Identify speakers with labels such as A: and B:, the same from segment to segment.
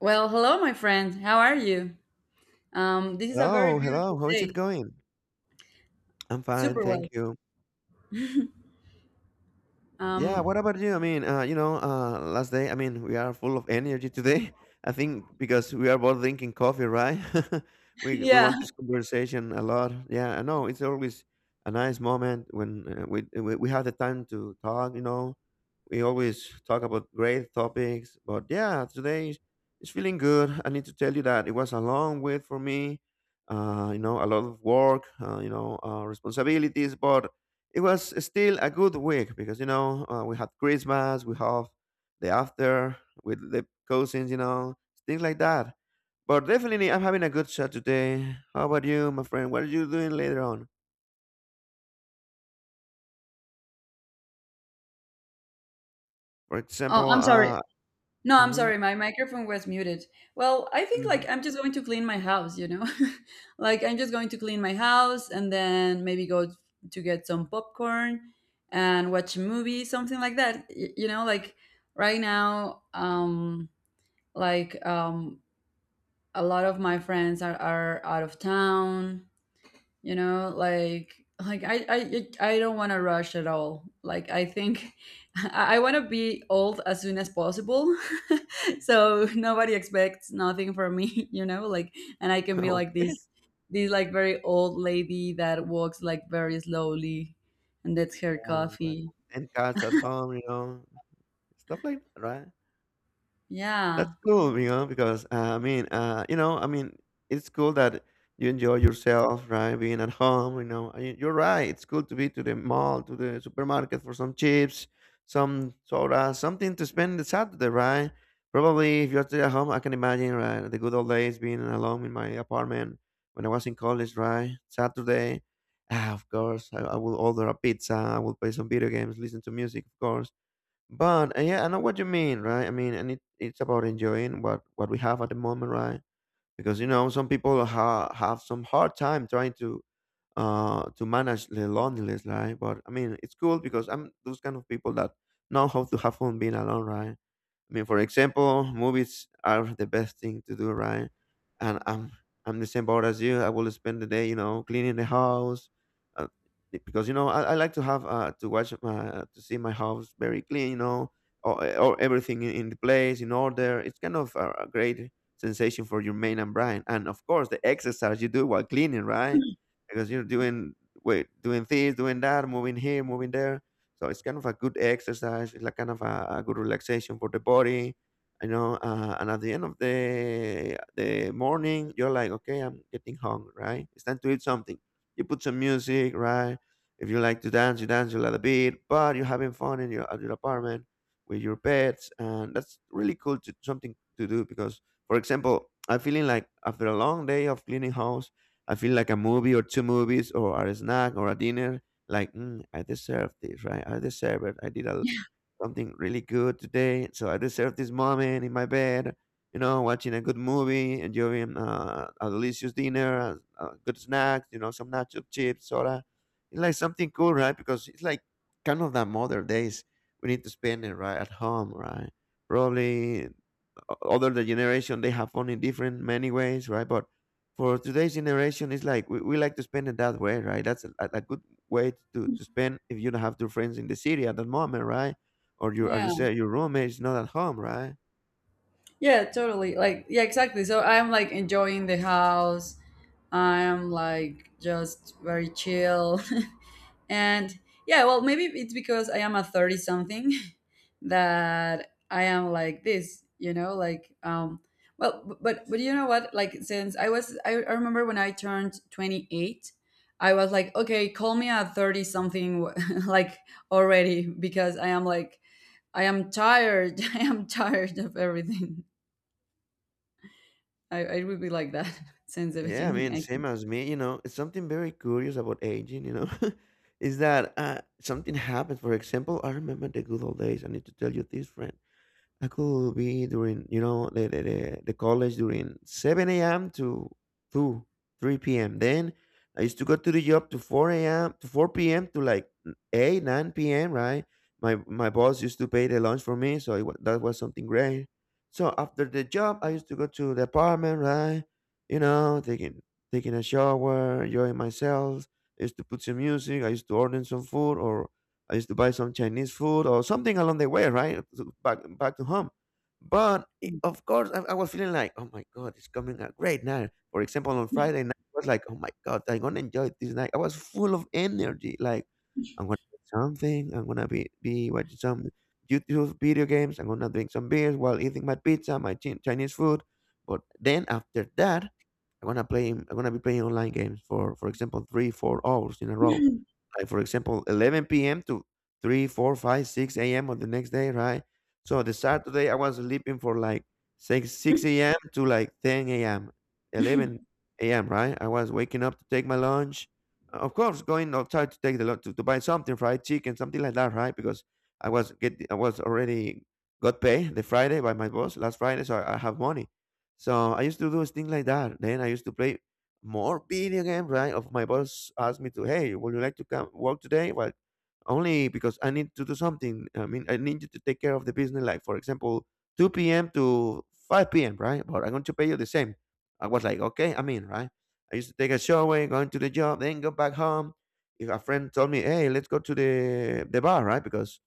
A: Well, hello, my friend. How are you? This is a very
B: Hello,
A: beautiful
B: hello. How is it
A: day.
B: going? I'm fine,
A: Super
B: thank
A: well.
B: you. Yeah,
A: Um,
B: what about you? I mean, last day, I mean, we are full of energy today. I think because we are both drinking coffee, right? We
A: yeah.
B: want this conversation a lot. Yeah, I know it's always a nice moment when we have the time to talk. We always talk about great topics. But yeah, today it's feeling good. I need to tell you that it was a long wait for me. A lot of work. Responsibilities, but it was still a good week because we had Christmas, we have the after with the cousins, things like that. But definitely, I'm having a good chat today. How about you, my friend? What are you doing later on? For
A: Oh,
B: example,
A: I'm sorry. No, I'm
B: hmm
A: sorry. My microphone was muted. Well, I think like
B: hmm
A: I'm just going to clean my house, you know? Like I'm just going to clean my house and then maybe go to get some popcorn and watch a movie, something like that. Like right now, like a lot of my friends are out of town. Like I don't want to rush at all, like I think. I want to be old as soon as possible. So nobody expects nothing from me. Like, and I can be like
B: okay,
A: this, like, very old lady that walks like very slowly and that's her
B: yeah, like
A: coffee,
B: 10 cats at home, stuff like that, right? That's
A: yeah.
B: cool, because I mean, I mean, it's cool that you enjoy yourself, right? Being at home, you're right. It's cool to be to the mall, to the supermarket for some chips, some soda, something to spend the Saturday, right? Probably if you're still at home, I can imagine, right? The good old days being alone in my apartment when I was in college, right? Saturday, ah, of course, I will order a pizza, I will play some video games, listen to music, of course, but yeah, I know what you mean, right? I mean, and it's about enjoying what we have at the moment, right? Because, some people have some hard time trying to manage the loneliness, right? But I mean, it's cool because I'm those kind of people that know how to have fun being alone, right? I mean, for example, movies are the best thing to do, right? And I'm the same boat as you. I will spend the day, cleaning the house, uh, because I like to have to see my house very clean, or everything in the place in order. It's kind of a great sensation for your main and brain, and of course the exercise you do while cleaning, right? Because you're doing this, doing that, moving here, moving there, so it's kind of a good exercise. It's like kind of a good relaxation for the body. And at the end of the morning, you're like, okay, I'm getting hungry, right? It's time to eat something. You put some music, right? If you like to dance, you dance a little bit, but you're having fun in your at your apartment with your pets, and that's really cool, to something to do because, for example, I'm feeling like after a long day of cleaning house, I feel like a movie or two movies or a snack or a dinner, like I deserve this, right? I deserve it. I did something really good today, so I deserve this moment in my bed, watching a good movie, enjoying a delicious dinner, a good snack, some nacho chips, soda. It's like something cool, right? Because it's like kind of that modern days, we need to spend it right at home, right? Probably other the generation, they have fun in different many ways, right? But for today's generation it's like we like to spend it that way, right? That's a good way to spend if you don't have two friends in the city at that moment, right? Or your as you
A: Yeah,
B: said, your roommate is not at home, right?
A: yeah, totally, like, yeah, exactly. So I'm like enjoying the house. I'm like just very chill. And yeah, well, maybe it's because I am a 30 something that I am like this, like, well, but you know what? Like, since I remember when I turned 28, I was like, okay, call me a 30 something, like, already, because I am like, I am tired. I am tired of everything. I would be like that since the
B: Yeah, I
A: beginning,
B: mean,
A: I
B: same
A: think.
B: as me, it's something very curious about aging, is that something happens. For example, I remember the good old days. I need to tell you this, friend. I could be during, the college during 7 a.m. to 2, 3 p.m. Then I used to go to the job to 4 a.m. to 4 p.m. to like 8, 9 p.m., right? My boss used to pay the lunch for me, so that was something great. So after the job, I used to go to the apartment, right? You know, taking taking a shower, enjoying myself. I used to put some music. I used to order some food, or I used to buy some Chinese food or something along the way, right? So back to home. But it, of course, I was feeling like, oh my God, it's coming a great night. For example, on Friday night, I was like, oh my God, I'm gonna enjoy this night. I was full of energy. Like, I'm gonna do something. I'm gonna be watching some YouTube video games. I'm gonna drink some beers while eating my pizza, my Chinese food. But then after that, I'm gonna play. I'm gonna be playing online games for example, 3, 4 hours in a row, like for example, 11 p.m. to 3, 4, 5, 6 a.m. on the next day, right? So the Saturday I was sleeping for like 6 6 a.m. to like 10 a.m. 11 a.m., right? I was waking up to take my lunch, of course going outside to take the lunch, to buy something, fried chicken, something like that, right? Because I was already got paid the Friday by my boss last Friday, so I have money. So I used to do things like that, then I used to play more video game, right? Of my boss asked me to, hey, would you like to come work today? Well, only because I need to do something. I mean, I need you to take care of the business, like for example, 2 p.m. to 5 p.m., right? But I'm going to pay you the same. I was like, okay, I'm in, right? I used to take a shower, going to the job, then go back home. If a friend told me, hey, let's go to the bar, right? Because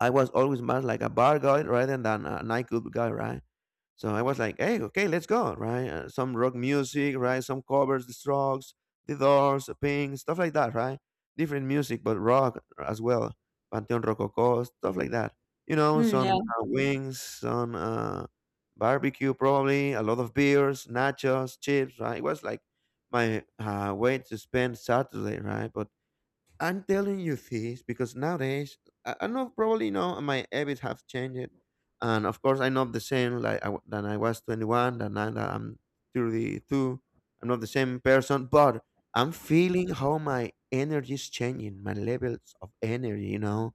B: I was always more like a bar guy rather than a nightclub guy, right? So I was like, hey, okay, let's go, right? Some rock music, right? Some covers, the Strokes, the Doors, Pink, stuff like that, right? Different music, but rock as well. Panteon Rococo, stuff like that.
A: Mm,
B: Some
A: yeah.
B: wings, some barbecue, probably, a lot of beers, nachos, chips, right? It was like my way to spend Saturday, right? But I'm telling you this because nowadays I know, probably my habits have changed, and of course I'm not the same like than I was 21, than now that I'm 32. I'm not the same person, but I'm feeling how my energy is changing, my levels of energy. You know,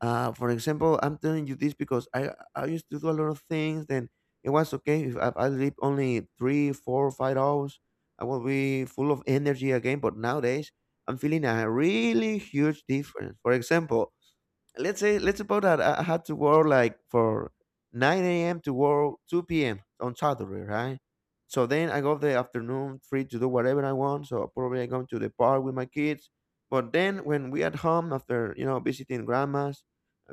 B: uh, For example, I'm telling you this because I used to do a lot of things. Then it was okay if I sleep only 3, 4, 5 hours. I will be full of energy again. But nowadays, I'm feeling a really huge difference. For example, let's suppose that I had to work like for 9 a.m. to work 2 p.m. on Saturday, right? So then I got the afternoon free to do whatever I want. So probably I go to the park with my kids. But then when we at home, after visiting grandmas,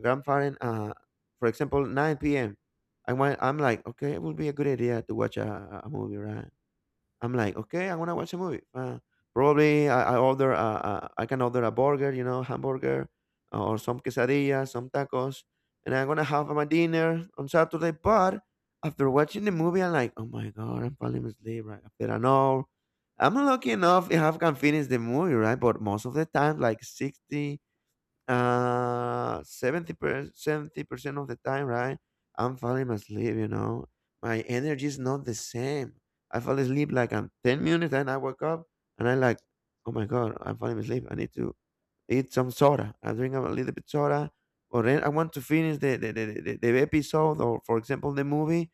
B: grandparent, for example, 9 p.m. I went, I'm like, okay, it would be a good idea to watch a movie, right? I'm like, okay, I want to watch a movie. Probably can order a burger, hamburger, or some quesadilla, some tacos, and I'm gonna have my dinner on Saturday. But after watching the movie, I'm like, oh my god, I'm falling asleep right after an hour. I'm lucky enough if I can finish the movie, right? But most of the time, like 60, 70% of the time, right, I'm falling asleep. My energy is not the same. I fall asleep like I'm 10 minutes, then I wake up and I like, oh my God, I'm falling asleep. I need to eat some soda. I drink a little bit soda, or then I want to finish the episode or, for example, the movie.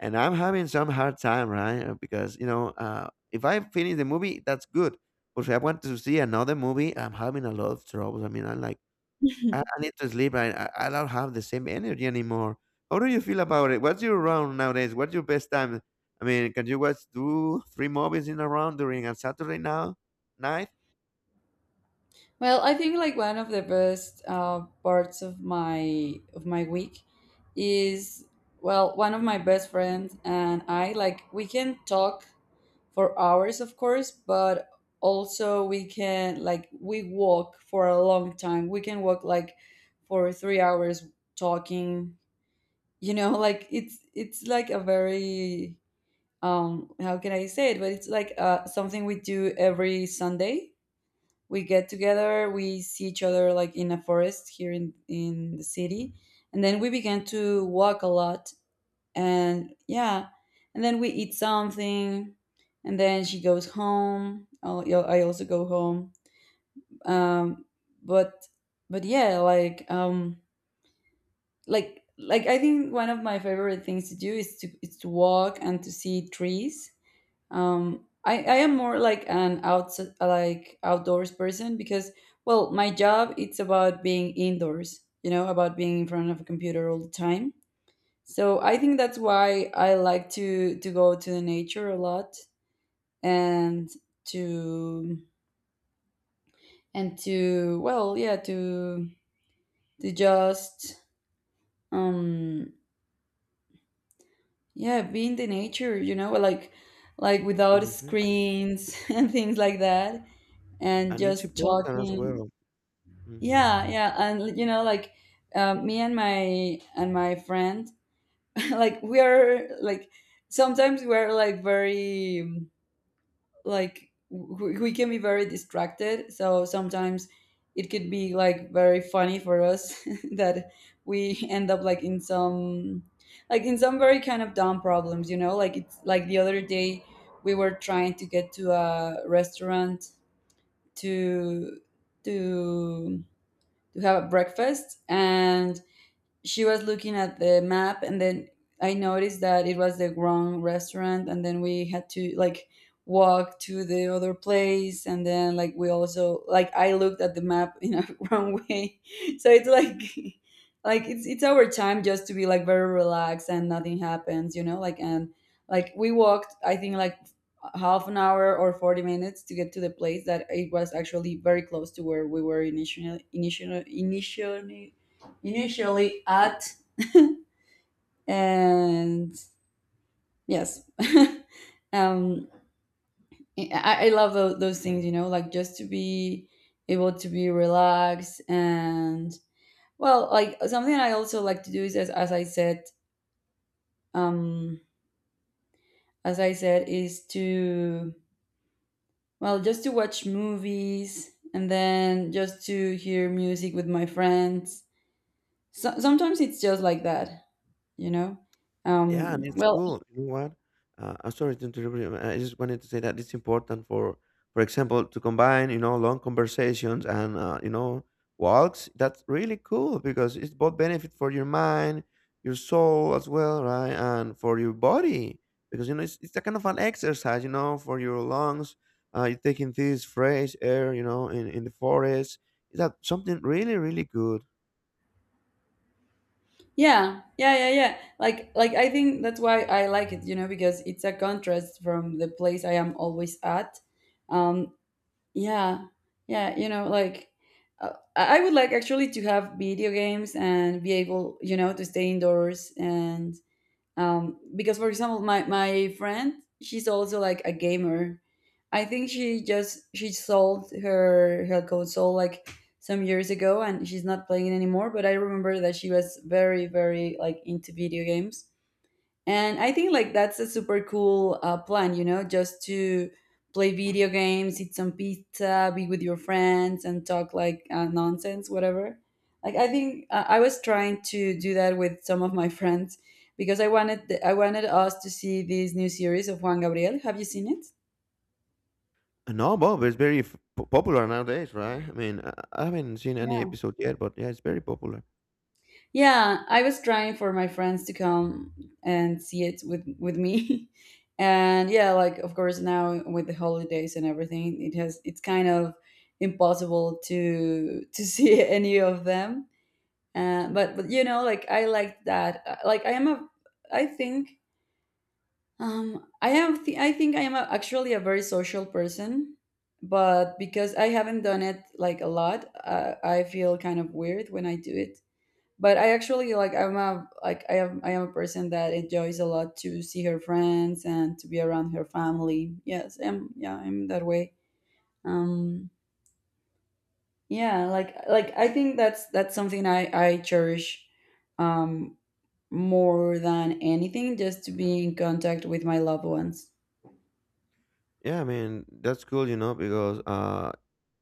B: And I'm having some hard time, right? Because, if I finish the movie, that's good. But if I want to see another movie, I'm having a lot of troubles. I mean, I need to sleep. I don't have the same energy anymore. How do you feel about it? What's your round nowadays? What's your best time? I mean, can you watch two, three movies in a round during a Saturday now night?
A: Well, I think like one of the best parts of my week is, well, one of my best friends and I, like, we can talk for hours, of course, but also we can, like, we walk for a long time. We can walk like for 3 hours talking. You know, like it's like a very, um, how can I say it? But it's like, something we do every Sunday. We get together, we see each other like in a forest here in the city, and then we began to walk a lot, and yeah, and then we eat something, and then she goes home. I'll, yeah, I also go home. um but but yeah, like, like I think one of my favorite things to do is to walk and to see trees. I am more like an outs like outdoors person, because, well, my job, it's about being indoors, you know, about being in front of a computer all the time. So I think that's why I like to go to the nature a lot, and to and to, well, yeah, to just, um yeah, be in the nature, you know, like without
B: hmm
A: screens, and things like that, and
B: And it's
A: just
B: important as
A: talking.
B: well. hmm
A: Yeah, yeah, and you know, like, me and my friend, like, we are like sometimes we're like very, like we can be very distracted. So sometimes it could be like very funny for us that we end up like in some, like in some very kind of dumb problems. You know, like it's like the other day we were trying to get to a restaurant to to to have a breakfast, and she was looking at the map, and then I noticed that it was the wrong restaurant, and then we had to like walk to the other place, and then like we also like I looked at the map in a wrong way. So it's like, like it's our time just to be like very relaxed and nothing happens, you know, like, and like we walked I think like half an hour or 40 minutes to get to the place that it was actually very close to where we were initially. Initially at. And yes. um I love those things, you know, like, just to be able to be relaxed. And, well, like something I also like to do is, as I said, um is to, well, just to watch movies and then just to hear music with my friends. So sometimes it's just like that, you know.
B: Yeah, and
A: um
B: it's
A: well
B: cool. You know what? I'm sorry to interrupt you. I just wanted to say that it's important for example, to combine, you know, long conversations and walks. That's really cool because it's both benefit for your mind, your soul as well, right? And for your body because, you know, it's a kind of an exercise, you know, for your lungs. You're taking this fresh air, you know, in the forest. Is that something really, really good?
A: Yeah, yeah, yeah, yeah. Like, I think that's why I like it, you know, because it's a contrast from the place I am always at. Um, yeah, yeah, you know, like, I would like actually to have video games and be able, you know, to stay indoors, and, because, for example, my friend, she's also like a gamer. I think she just she sold her console like some years ago, and she's not playing it anymore. But I remember that she was very very like into video games, and I think like that's a super cool plan, you know, just to play video games, eat some pizza, be with your friends, and talk like, nonsense, whatever. Like I think, I was trying to do that with some of my friends because I wanted us to see this new series of Juan Gabriel. Have you seen it?
B: No, Bob is very popular nowadays, right? I mean, I haven't seen any
A: Yeah.
B: episode yet, but yeah, it's very popular.
A: Yeah, I was trying for my friends to come and see it with me. And yeah, like, of course, now with the holidays and everything, it's kind of impossible to see any of them. But you know, like, I like that. Like I am a, I think, I think I am a, actually, a very social person, but because I haven't done it like a lot, I feel kind of weird when I do it, but I actually like, I'm a, like, I am a person that enjoys a lot to see her friends and to be around her family. Yes, I'm, yeah, I'm that way. um yeah, like, I think that's something I cherish, um more than anything, just to be in contact with my loved ones.
B: Yeah, I mean, that's cool, you know, because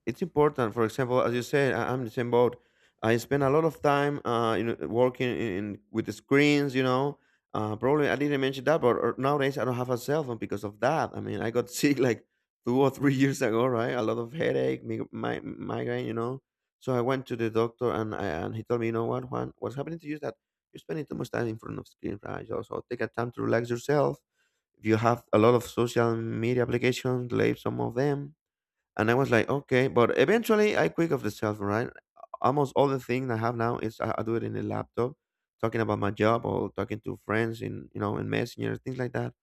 B: it's important. For example, as you said, I'm in the same boat. I spend a lot of time, you know, working in with the screens. You know, probably I didn't mention that, but or nowadays I don't have a cell phone because of that. I mean, I got sick like 2 or 3 years ago, right? A lot of headache, migraine, you know. So I went to the doctor, and he told me, you know what, Juan, what's happening to you is that you're spending too much time in front of screen, right? Also, take a time to relax yourself. If you have a lot of social media applications, leave some of them, and I was like, okay, but eventually I quit of the cell phone, right? Almost all the things I have now is I do it in the laptop, talking about my job or talking to friends in, you know, in messenger, things like that.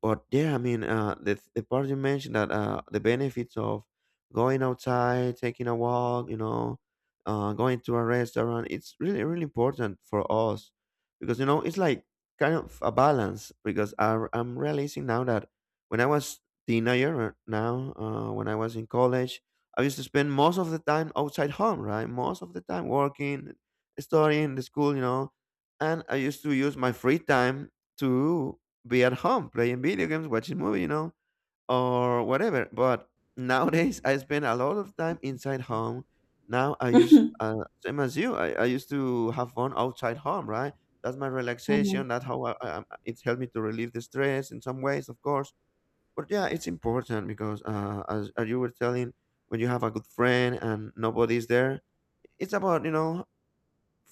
B: But yeah, I mean, the part you mentioned that the benefits of going outside, taking a walk, you know, going to a restaurant, it's really really important for us because you know it's like kind of a balance. Because I'm realizing now that when I was teenager, or now when I was in college, I used to spend most of the time outside home, right? Most of the time working, studying, the school, you know, and I used to use my free time to be at home playing video games, watching movie, you know, or whatever. But nowadays, I spend a lot of time inside home. Now I use same as you. I used to have fun outside home, right? That's my
A: Mhm.
B: relaxation. That's how it's helped me to relieve the stress in some ways, of course. But yeah, it's important because as you were telling, when you have a good friend and nobody's there, it's about you know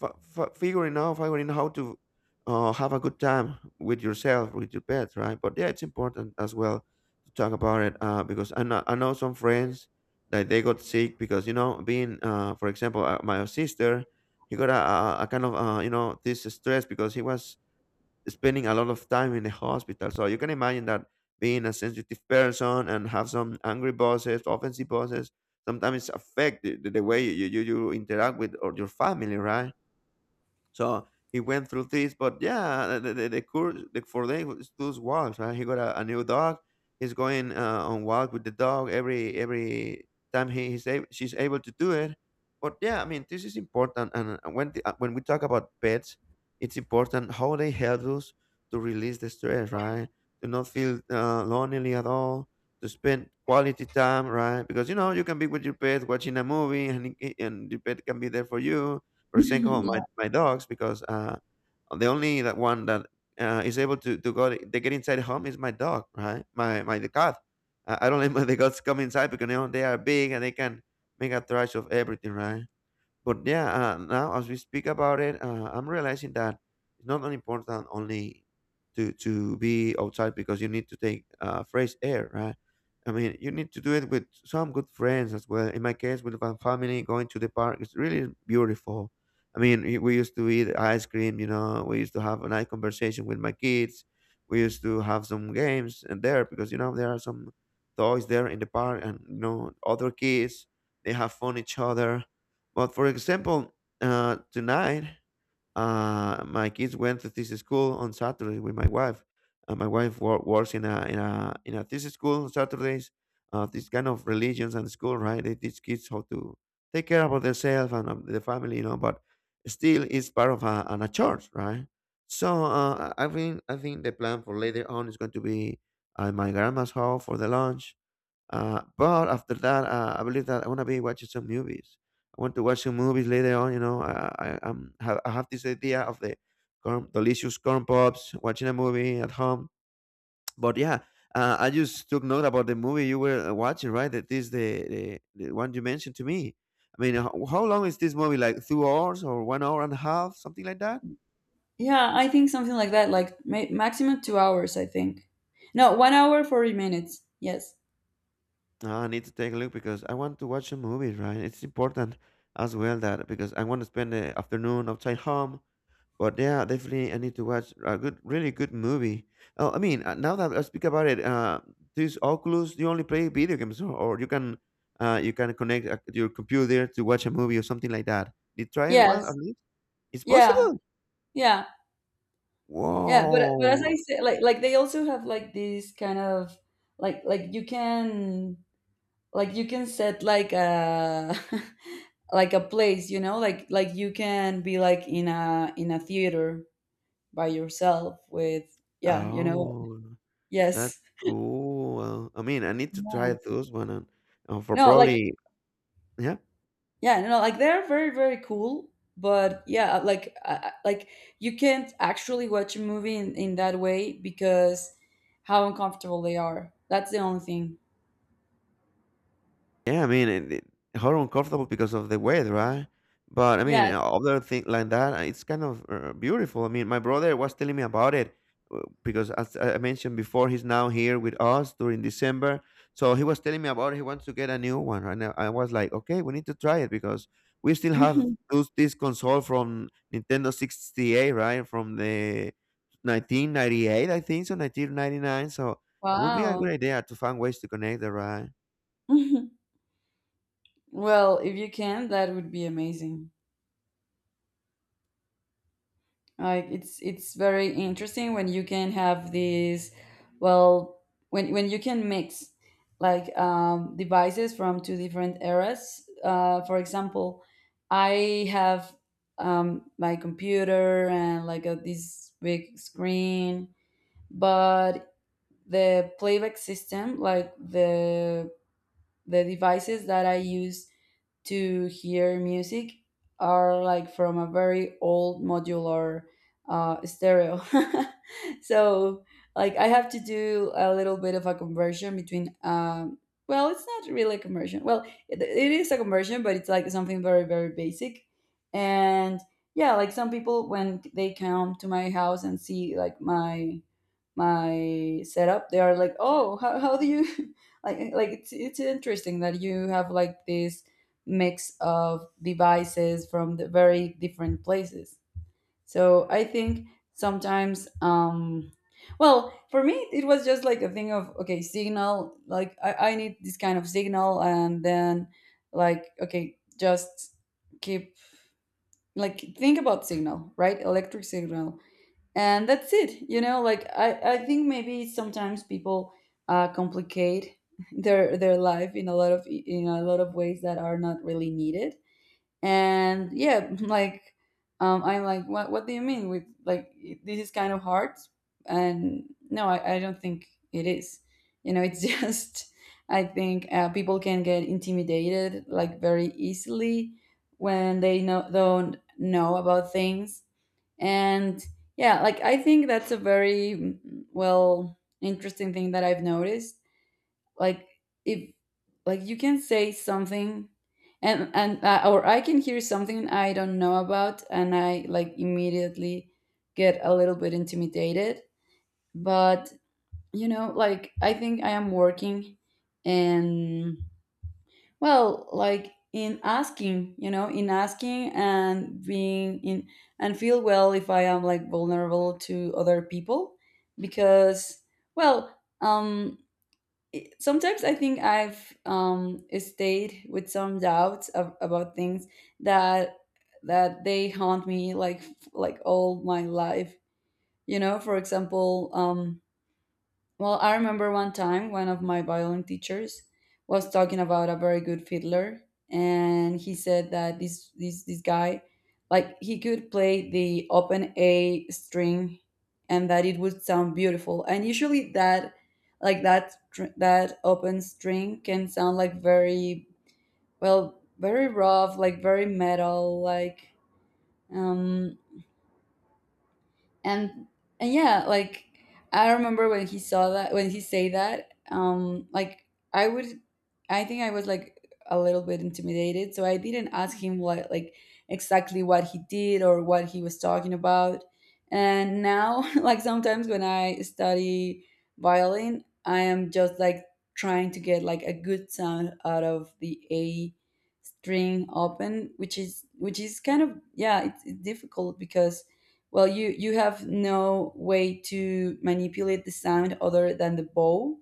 B: figuring how to have a good time with yourself with your pets, right? But yeah, it's important as well to talk about it, because I know some friends that they got sick because you know being for example my sister, he got a kind of you know this stress because he was spending a lot of time in the hospital, so you can imagine that being a sensitive person and have some angry bosses offensive bosses sometimes affect the the way you interact with or your family, right? So he went through this, but yeah, the course for them is those walks. Right? He got a new dog. He's going on walk with the dog every time she's able to do it. But yeah, I mean this is important. And when we talk about pets, it's important how they help us to release the stress, right? To not feel lonely at all. To spend quality time, right? Because you know you can be with your pet watching a movie, and and your pet can be there for you. For example,
A: yeah.
B: my dogs, because the only that one that is able to go they get inside home is my dog, right? My the cat. I don't let my the cats come inside because you know, they are big and they can make a trash of everything, right? But yeah, now as we speak about it, I'm realizing that it's not only important only to be outside because you need to take fresh air, right? I mean, you need to do it with some good friends as well. In my case, with my family, going to the park is really beautiful. I mean, we used to eat ice cream, you know. We used to have a nice conversation with my kids. We used to have some games and there because you know there are some toys there in the park, and you know other kids they have fun each other. But for example, tonight, my kids went to this school on Saturday with my wife. My wife works in a this school on Saturdays. This kind of religions and school, right? They teach kids how to take care about themselves and of the family, you know. But still, it's part of an a church, right? So I think I think the plan for later on is going to be at my grandma's house for the lunch, but after that, I believe that I want to be watching some movies. I want to watch some movies later on. You know, I have this idea of the corn, delicious corn pops, watching a movie at home. But yeah, I just took note about the movie you were watching, right? That is the the one you mentioned to me. I mean, how long is this movie? Like 2 hours or 1 hour and a half, something like that?
A: Yeah, I think something like that. Like, maximum 2 hours, I think. No, 1 hour 40 minutes. Yes.
B: Ah, I need to take a look because I want to watch some movies, right? It's important as well that because I want to spend the afternoon outside home. But yeah, definitely I need to watch a good, really good movie. Oh, I mean, now that I speak about it, this Oculus, you only play video games, or you can connect your computer to watch a movie or something like that. Did you try it one at
A: Yes.
B: least? It's
A: Yeah,
B: possible.
A: yeah. Yeah, but as I
B: Whoa!
A: said, like they also have like this kind of, like you can, like, you can set like a like a place, you know, like you can be like in a, in a theater by yourself, with, yeah, you know.
B: Oh, that's
A: Yes.
B: cool. I mean, I need to try
A: No.
B: those one, and, for
A: No, like,
B: probably yeah.
A: yeah, no, like they're very very cool, but, yeah, like, like you can't actually watch a movie in that way because how uncomfortable they are. That's the only thing.
B: Yeah, I mean, it how uncomfortable because of the weather, right? But I mean,
A: Yes.
B: other thing like that, it's kind of beautiful. I mean, my brother was telling me about it because, as I mentioned before, he's now here with us during December. So he was telling me about it. He wants to get a new one right now. I was like, okay, we need to try it because we still have those, this console from Nintendo 68, right? From the 1998, I think, so 1999. So it would be a good
A: Wow.
B: idea to find ways to connect the right?
A: Well, if you can, that would be amazing. Like, it's very interesting when you can have these, well, when you can mix, like, devices from two different eras. For example, I have, my computer and like a, this big screen, but the playback system, like the devices that I use to hear music are like from a very old modular, stereo. So, like, I have to do a little bit of a conversion between. Well, it's not really a conversion. Well, it is a conversion, but it's like something very, very basic. And yeah, like some people when they come to my house and see like my setup, they are like, oh, how do you like it's interesting that you have like this mix of devices from the very different places. So I think sometimes, well, for me it was just like a thing of, okay, signal, like, I need this kind of signal, and then like, okay, just keep like think about signal, right? Electric signal. And that's it, you know, like, I think maybe sometimes people, complicate their life in a lot of, in a lot of ways that are not really needed. And yeah, like, I'm like, what do you mean with, like, this is kind of hard? And no, I, I don't think it is. You know, it's just, I think, people can get intimidated like very easily when they know don't know about things. And yeah, like, I think that's a very, mm, well, interesting thing that I've noticed. Like, if, like you can say something, and, or I can hear something I don't know about, and I like immediately get a little bit intimidated, but, you know, like, I think I am working in. Well, like in asking, you know, in asking and being in and feel well if I am, like, vulnerable to other people, because, well, sometimes I think I've, stayed with some doubts of, about things that that they haunt me like all my life. You know, for example, well, I remember one time one of my violin teachers was talking about a very good fiddler, and he said that this guy, like he could play the open A string, and that it would sound beautiful. And usually that, like that open string can sound like very, well, very rough, like very metal, like, um and and yeah, like I remember when he saw that, when he say that like, i would I think I was like a little bit intimidated, so I didn't ask him what, like, exactly what he did or what he was talking about. And now like sometimes when I study violin, I am just like trying to get like a good sound out of the A string open, which is kind of, yeah, it's difficult because, well, you have no way to manipulate the sound other than the bow,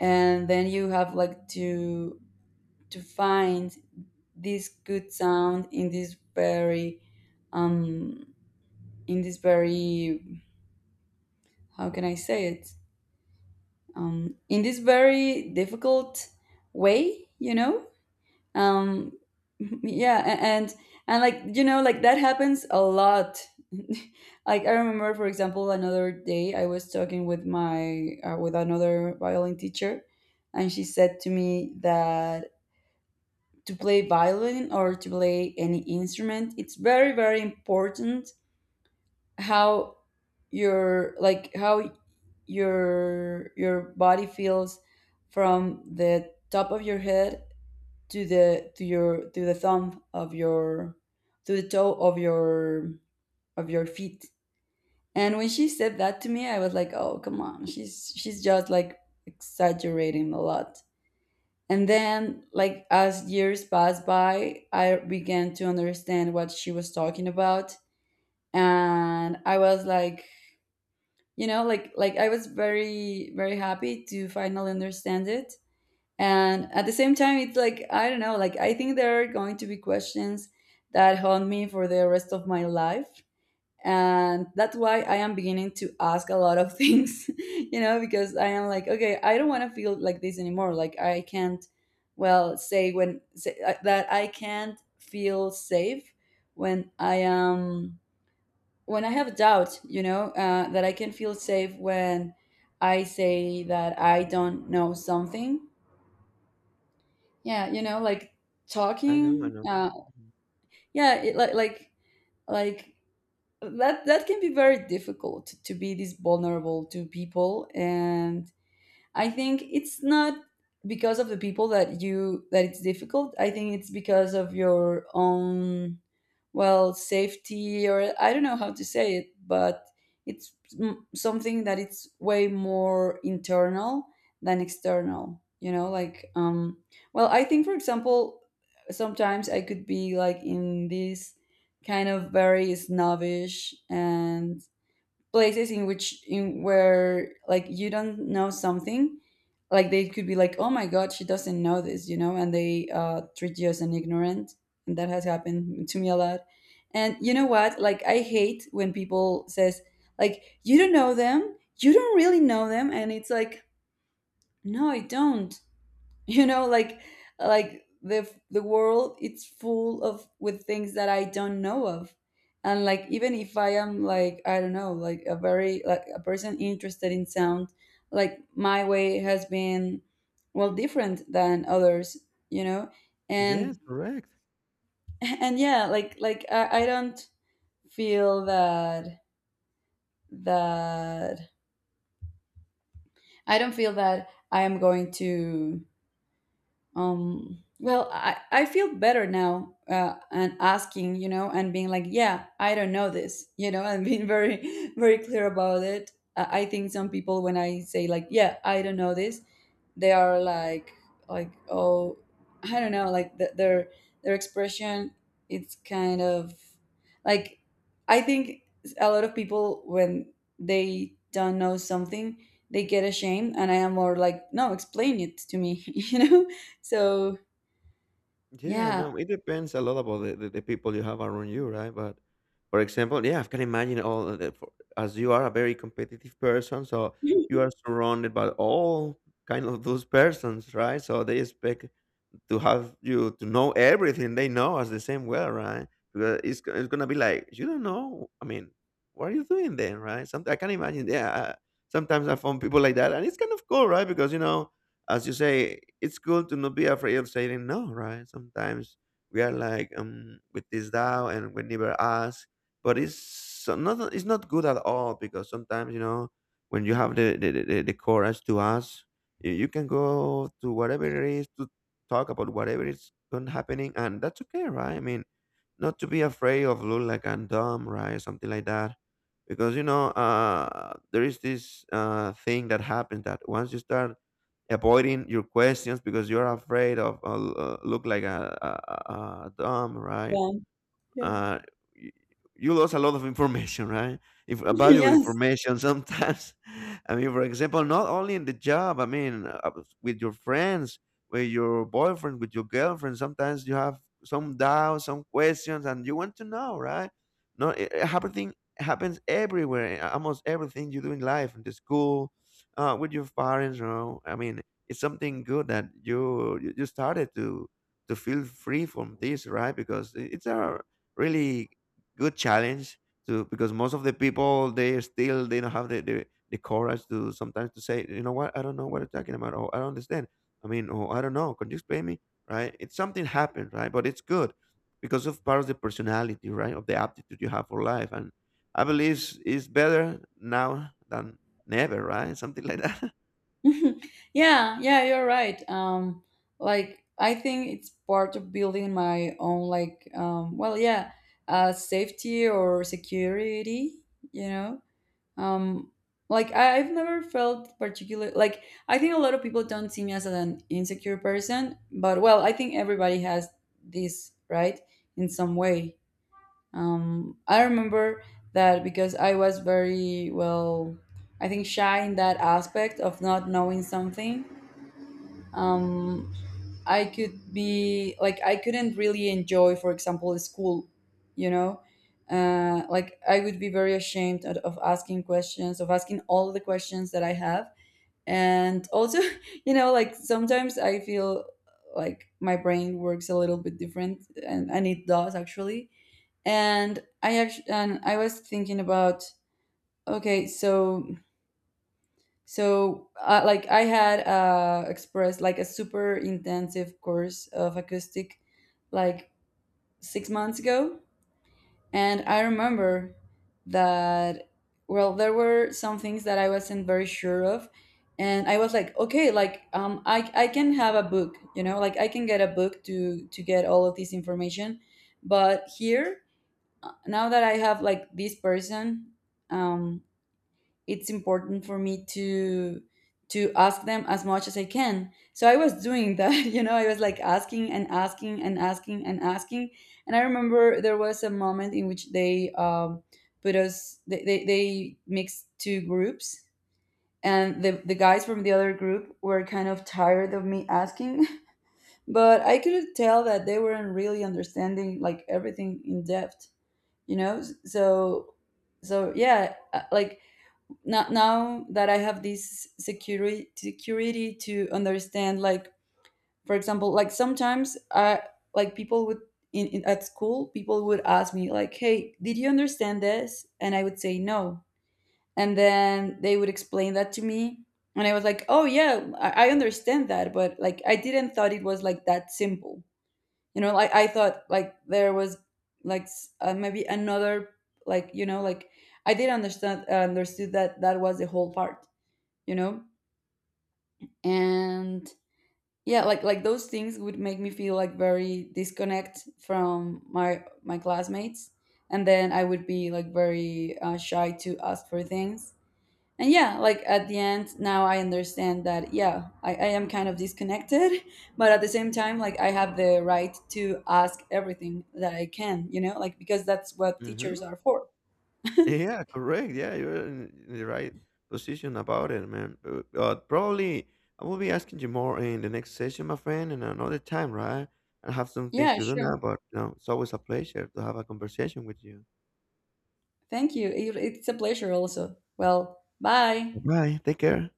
A: and then you have like to find this good sound in this very, um in this very, how can I say it, in this very difficult way, you know. um yeah, and like, you know, like that happens a lot. Like, I remember, for example, another day I was talking with my with another violin teacher, and she said to me that to play violin or to play any instrument, it's very, very important how your like how your body feels from the top of your head to the to your to the thumb of your to the toe of your feet. And when she said that to me, I was like, "Oh, come on. She's just like exaggerating a lot." And then, like, as years passed by, I began to understand what she was talking about, and I was like, you know, like I was very, very happy to finally understand it. And at the same time, it's like, I don't know, like, I think there are going to be questions that haunt me for the rest of my life. And that's why I am beginning to ask a lot of things, you know, because I am like, okay, I don't want to feel like this anymore. Like, I can't, well, say, that I can't feel safe when when I have doubt, you know, that I can feel safe when I say that I don't know something, yeah, you know, like,
B: I know, I
A: talking.
B: know. Mhm.
A: Yeah, like, like that can be very difficult to be this vulnerable to people, and I think it's not because of the people that it's difficult. I think it's because of your own, well, safety, or I don't know how to say it, but it's something that it's way more internal than external, you know, like, well, I think, for example, sometimes I could be like in this kind of very snobbish and places in where, like, you don't know something, like, they could be like, "Oh my god, she doesn't know this," you know, and they, treat you as an ignorant. And that has happened to me a lot. And you know what, like, I hate when people says, like, you don't really know them, and it's like, "No, I don't." You know, like the world, it's full of with things that I don't know of. And like even if I am, like, I don't know, like a very, like, a person interested in sound, like my way has been, well, different than others, you know.
B: Yes,
A: And
B: correct.
A: and yeah, like I don't feel that that I am going to, well, I feel better now, and asking, you know, and being like, yeah, I don't know this. You know, and being very very clear about it. I think some people, when I say like, yeah, I don't know this, they are like, oh, I don't know, like, their expression, it's kind of, like, I think a lot of people when they don't know something, they get ashamed, and I am more like, "No, explain it to me." You know, so,
B: Yeah,
A: yeah,
B: no, it depends a lot about the people you have around you, right? But for example, yeah, I can imagine all of the, for, as you are a very competitive person, so you are surrounded by all kind of those persons, right? So they expect to have you to know everything they know as the same way, right? Because it's gonna be like you don't know. I mean, what are you doing then, right? Something I can imagine. Yeah. Sometimes I found people like that, and it's kind of cool, right? Because you know, as you say, it's cool to not be afraid of saying no, right? Sometimes we are like with this doubt, and we never ask, but it's not good at all because sometimes you know when you have the courage to ask you can go to whatever it is to talk about whatever is going happening, and that's okay, right? I mean, not to be afraid of look like I'm dumb, right? Something like that, because you know, there is this thing that happens that once you start avoiding your questions because you're afraid of look like a dumb, right?
A: yeah, yeah,
B: uh, you, you lose a lot of information, right? If valuable
A: yes,
B: information sometimes. I mean, for example, not only in the job. I mean, with your friends, with your boyfriend, with your girlfriend. Sometimes you have some doubts, some questions, and you want to know, right? No, it happening happens everywhere. In Almost everything you do in life, in the school, with your parents. You know, I mean, it's something good that you started to feel free from this, right? Because it's a really good challenge to because most of the people they still they don't have the the courage to sometimes to say, you know what, I don't know what you're talking about, or I don't understand. I mean, or I don't know, could you explain me, right? It's something happened, right? But it's good because of part of the personality, right? Of the aptitude you have for life, and I believe it's better now than never, right? Something like that.
A: yeah, yeah. You're right. Like, I think it's part of building my own, like, well, yeah, safety or security. You know, um, like, I've never felt particular. Like, I think a lot of people don't see me as an insecure person, but, well, I think everybody has this right in some way. I remember that because I was very, well, I think shy in that aspect of not knowing something. Um, like, I couldn't really enjoy, for example, school, you know? Like, I would be very ashamed of asking questions, of asking all the questions that I have. And also, you know, like, sometimes I feel like my brain works a little bit different, and it does, actually. And I was thinking about, okay, so like, I had expressed like a super intensive course of acoustic like 6 months ago. And I remember that, well, there were some things that I wasn't very sure of, and I was like, okay, like, I can have a book, you know, like I can get a book to get all of this information. But here, now that I have like this person, um, it's important for me to ask them as much as I can. So I was doing that, you know, I was like asking and asking and asking and asking. And I remember there was a moment in which they mixed two groups. And the guys from the other group were kind of tired of me asking, but I could tell that they weren't really understanding, like, everything in depth, you know. So, yeah, like, now that I have this security to understand, like, for example, like, sometimes I, like, people would, in at school, people would ask me like, "Hey, did you understand this?" And I would say no. And then they would explain that to me, and I was like, "Oh yeah, I understand that," but like, I didn't thought it was like that simple. You know, like, I thought like there was, like, maybe another, like, you know, like, I did understand understood that that was the whole part, you know. And yeah, like those things would make me feel, like, very disconnect from my classmates. And then I would be like very, shy to ask for things. And yeah, like, at the end, now I understand that, yeah, I am kind of disconnected, but at the same time, like, I have the right to ask everything that I can, you know, like, because that's what teachers
B: hmm
A: are for.
B: Yeah, correct. Yeah, you're in the right position about it, man. Probably I will be asking you more in the next session, my friend, and another time, right? I have some things
A: Yeah,
B: to do
A: sure.
B: now, but you know, it's always a pleasure to have a conversation with you.
A: Thank you, it's a pleasure also. Well, bye.
B: Bye. Take care.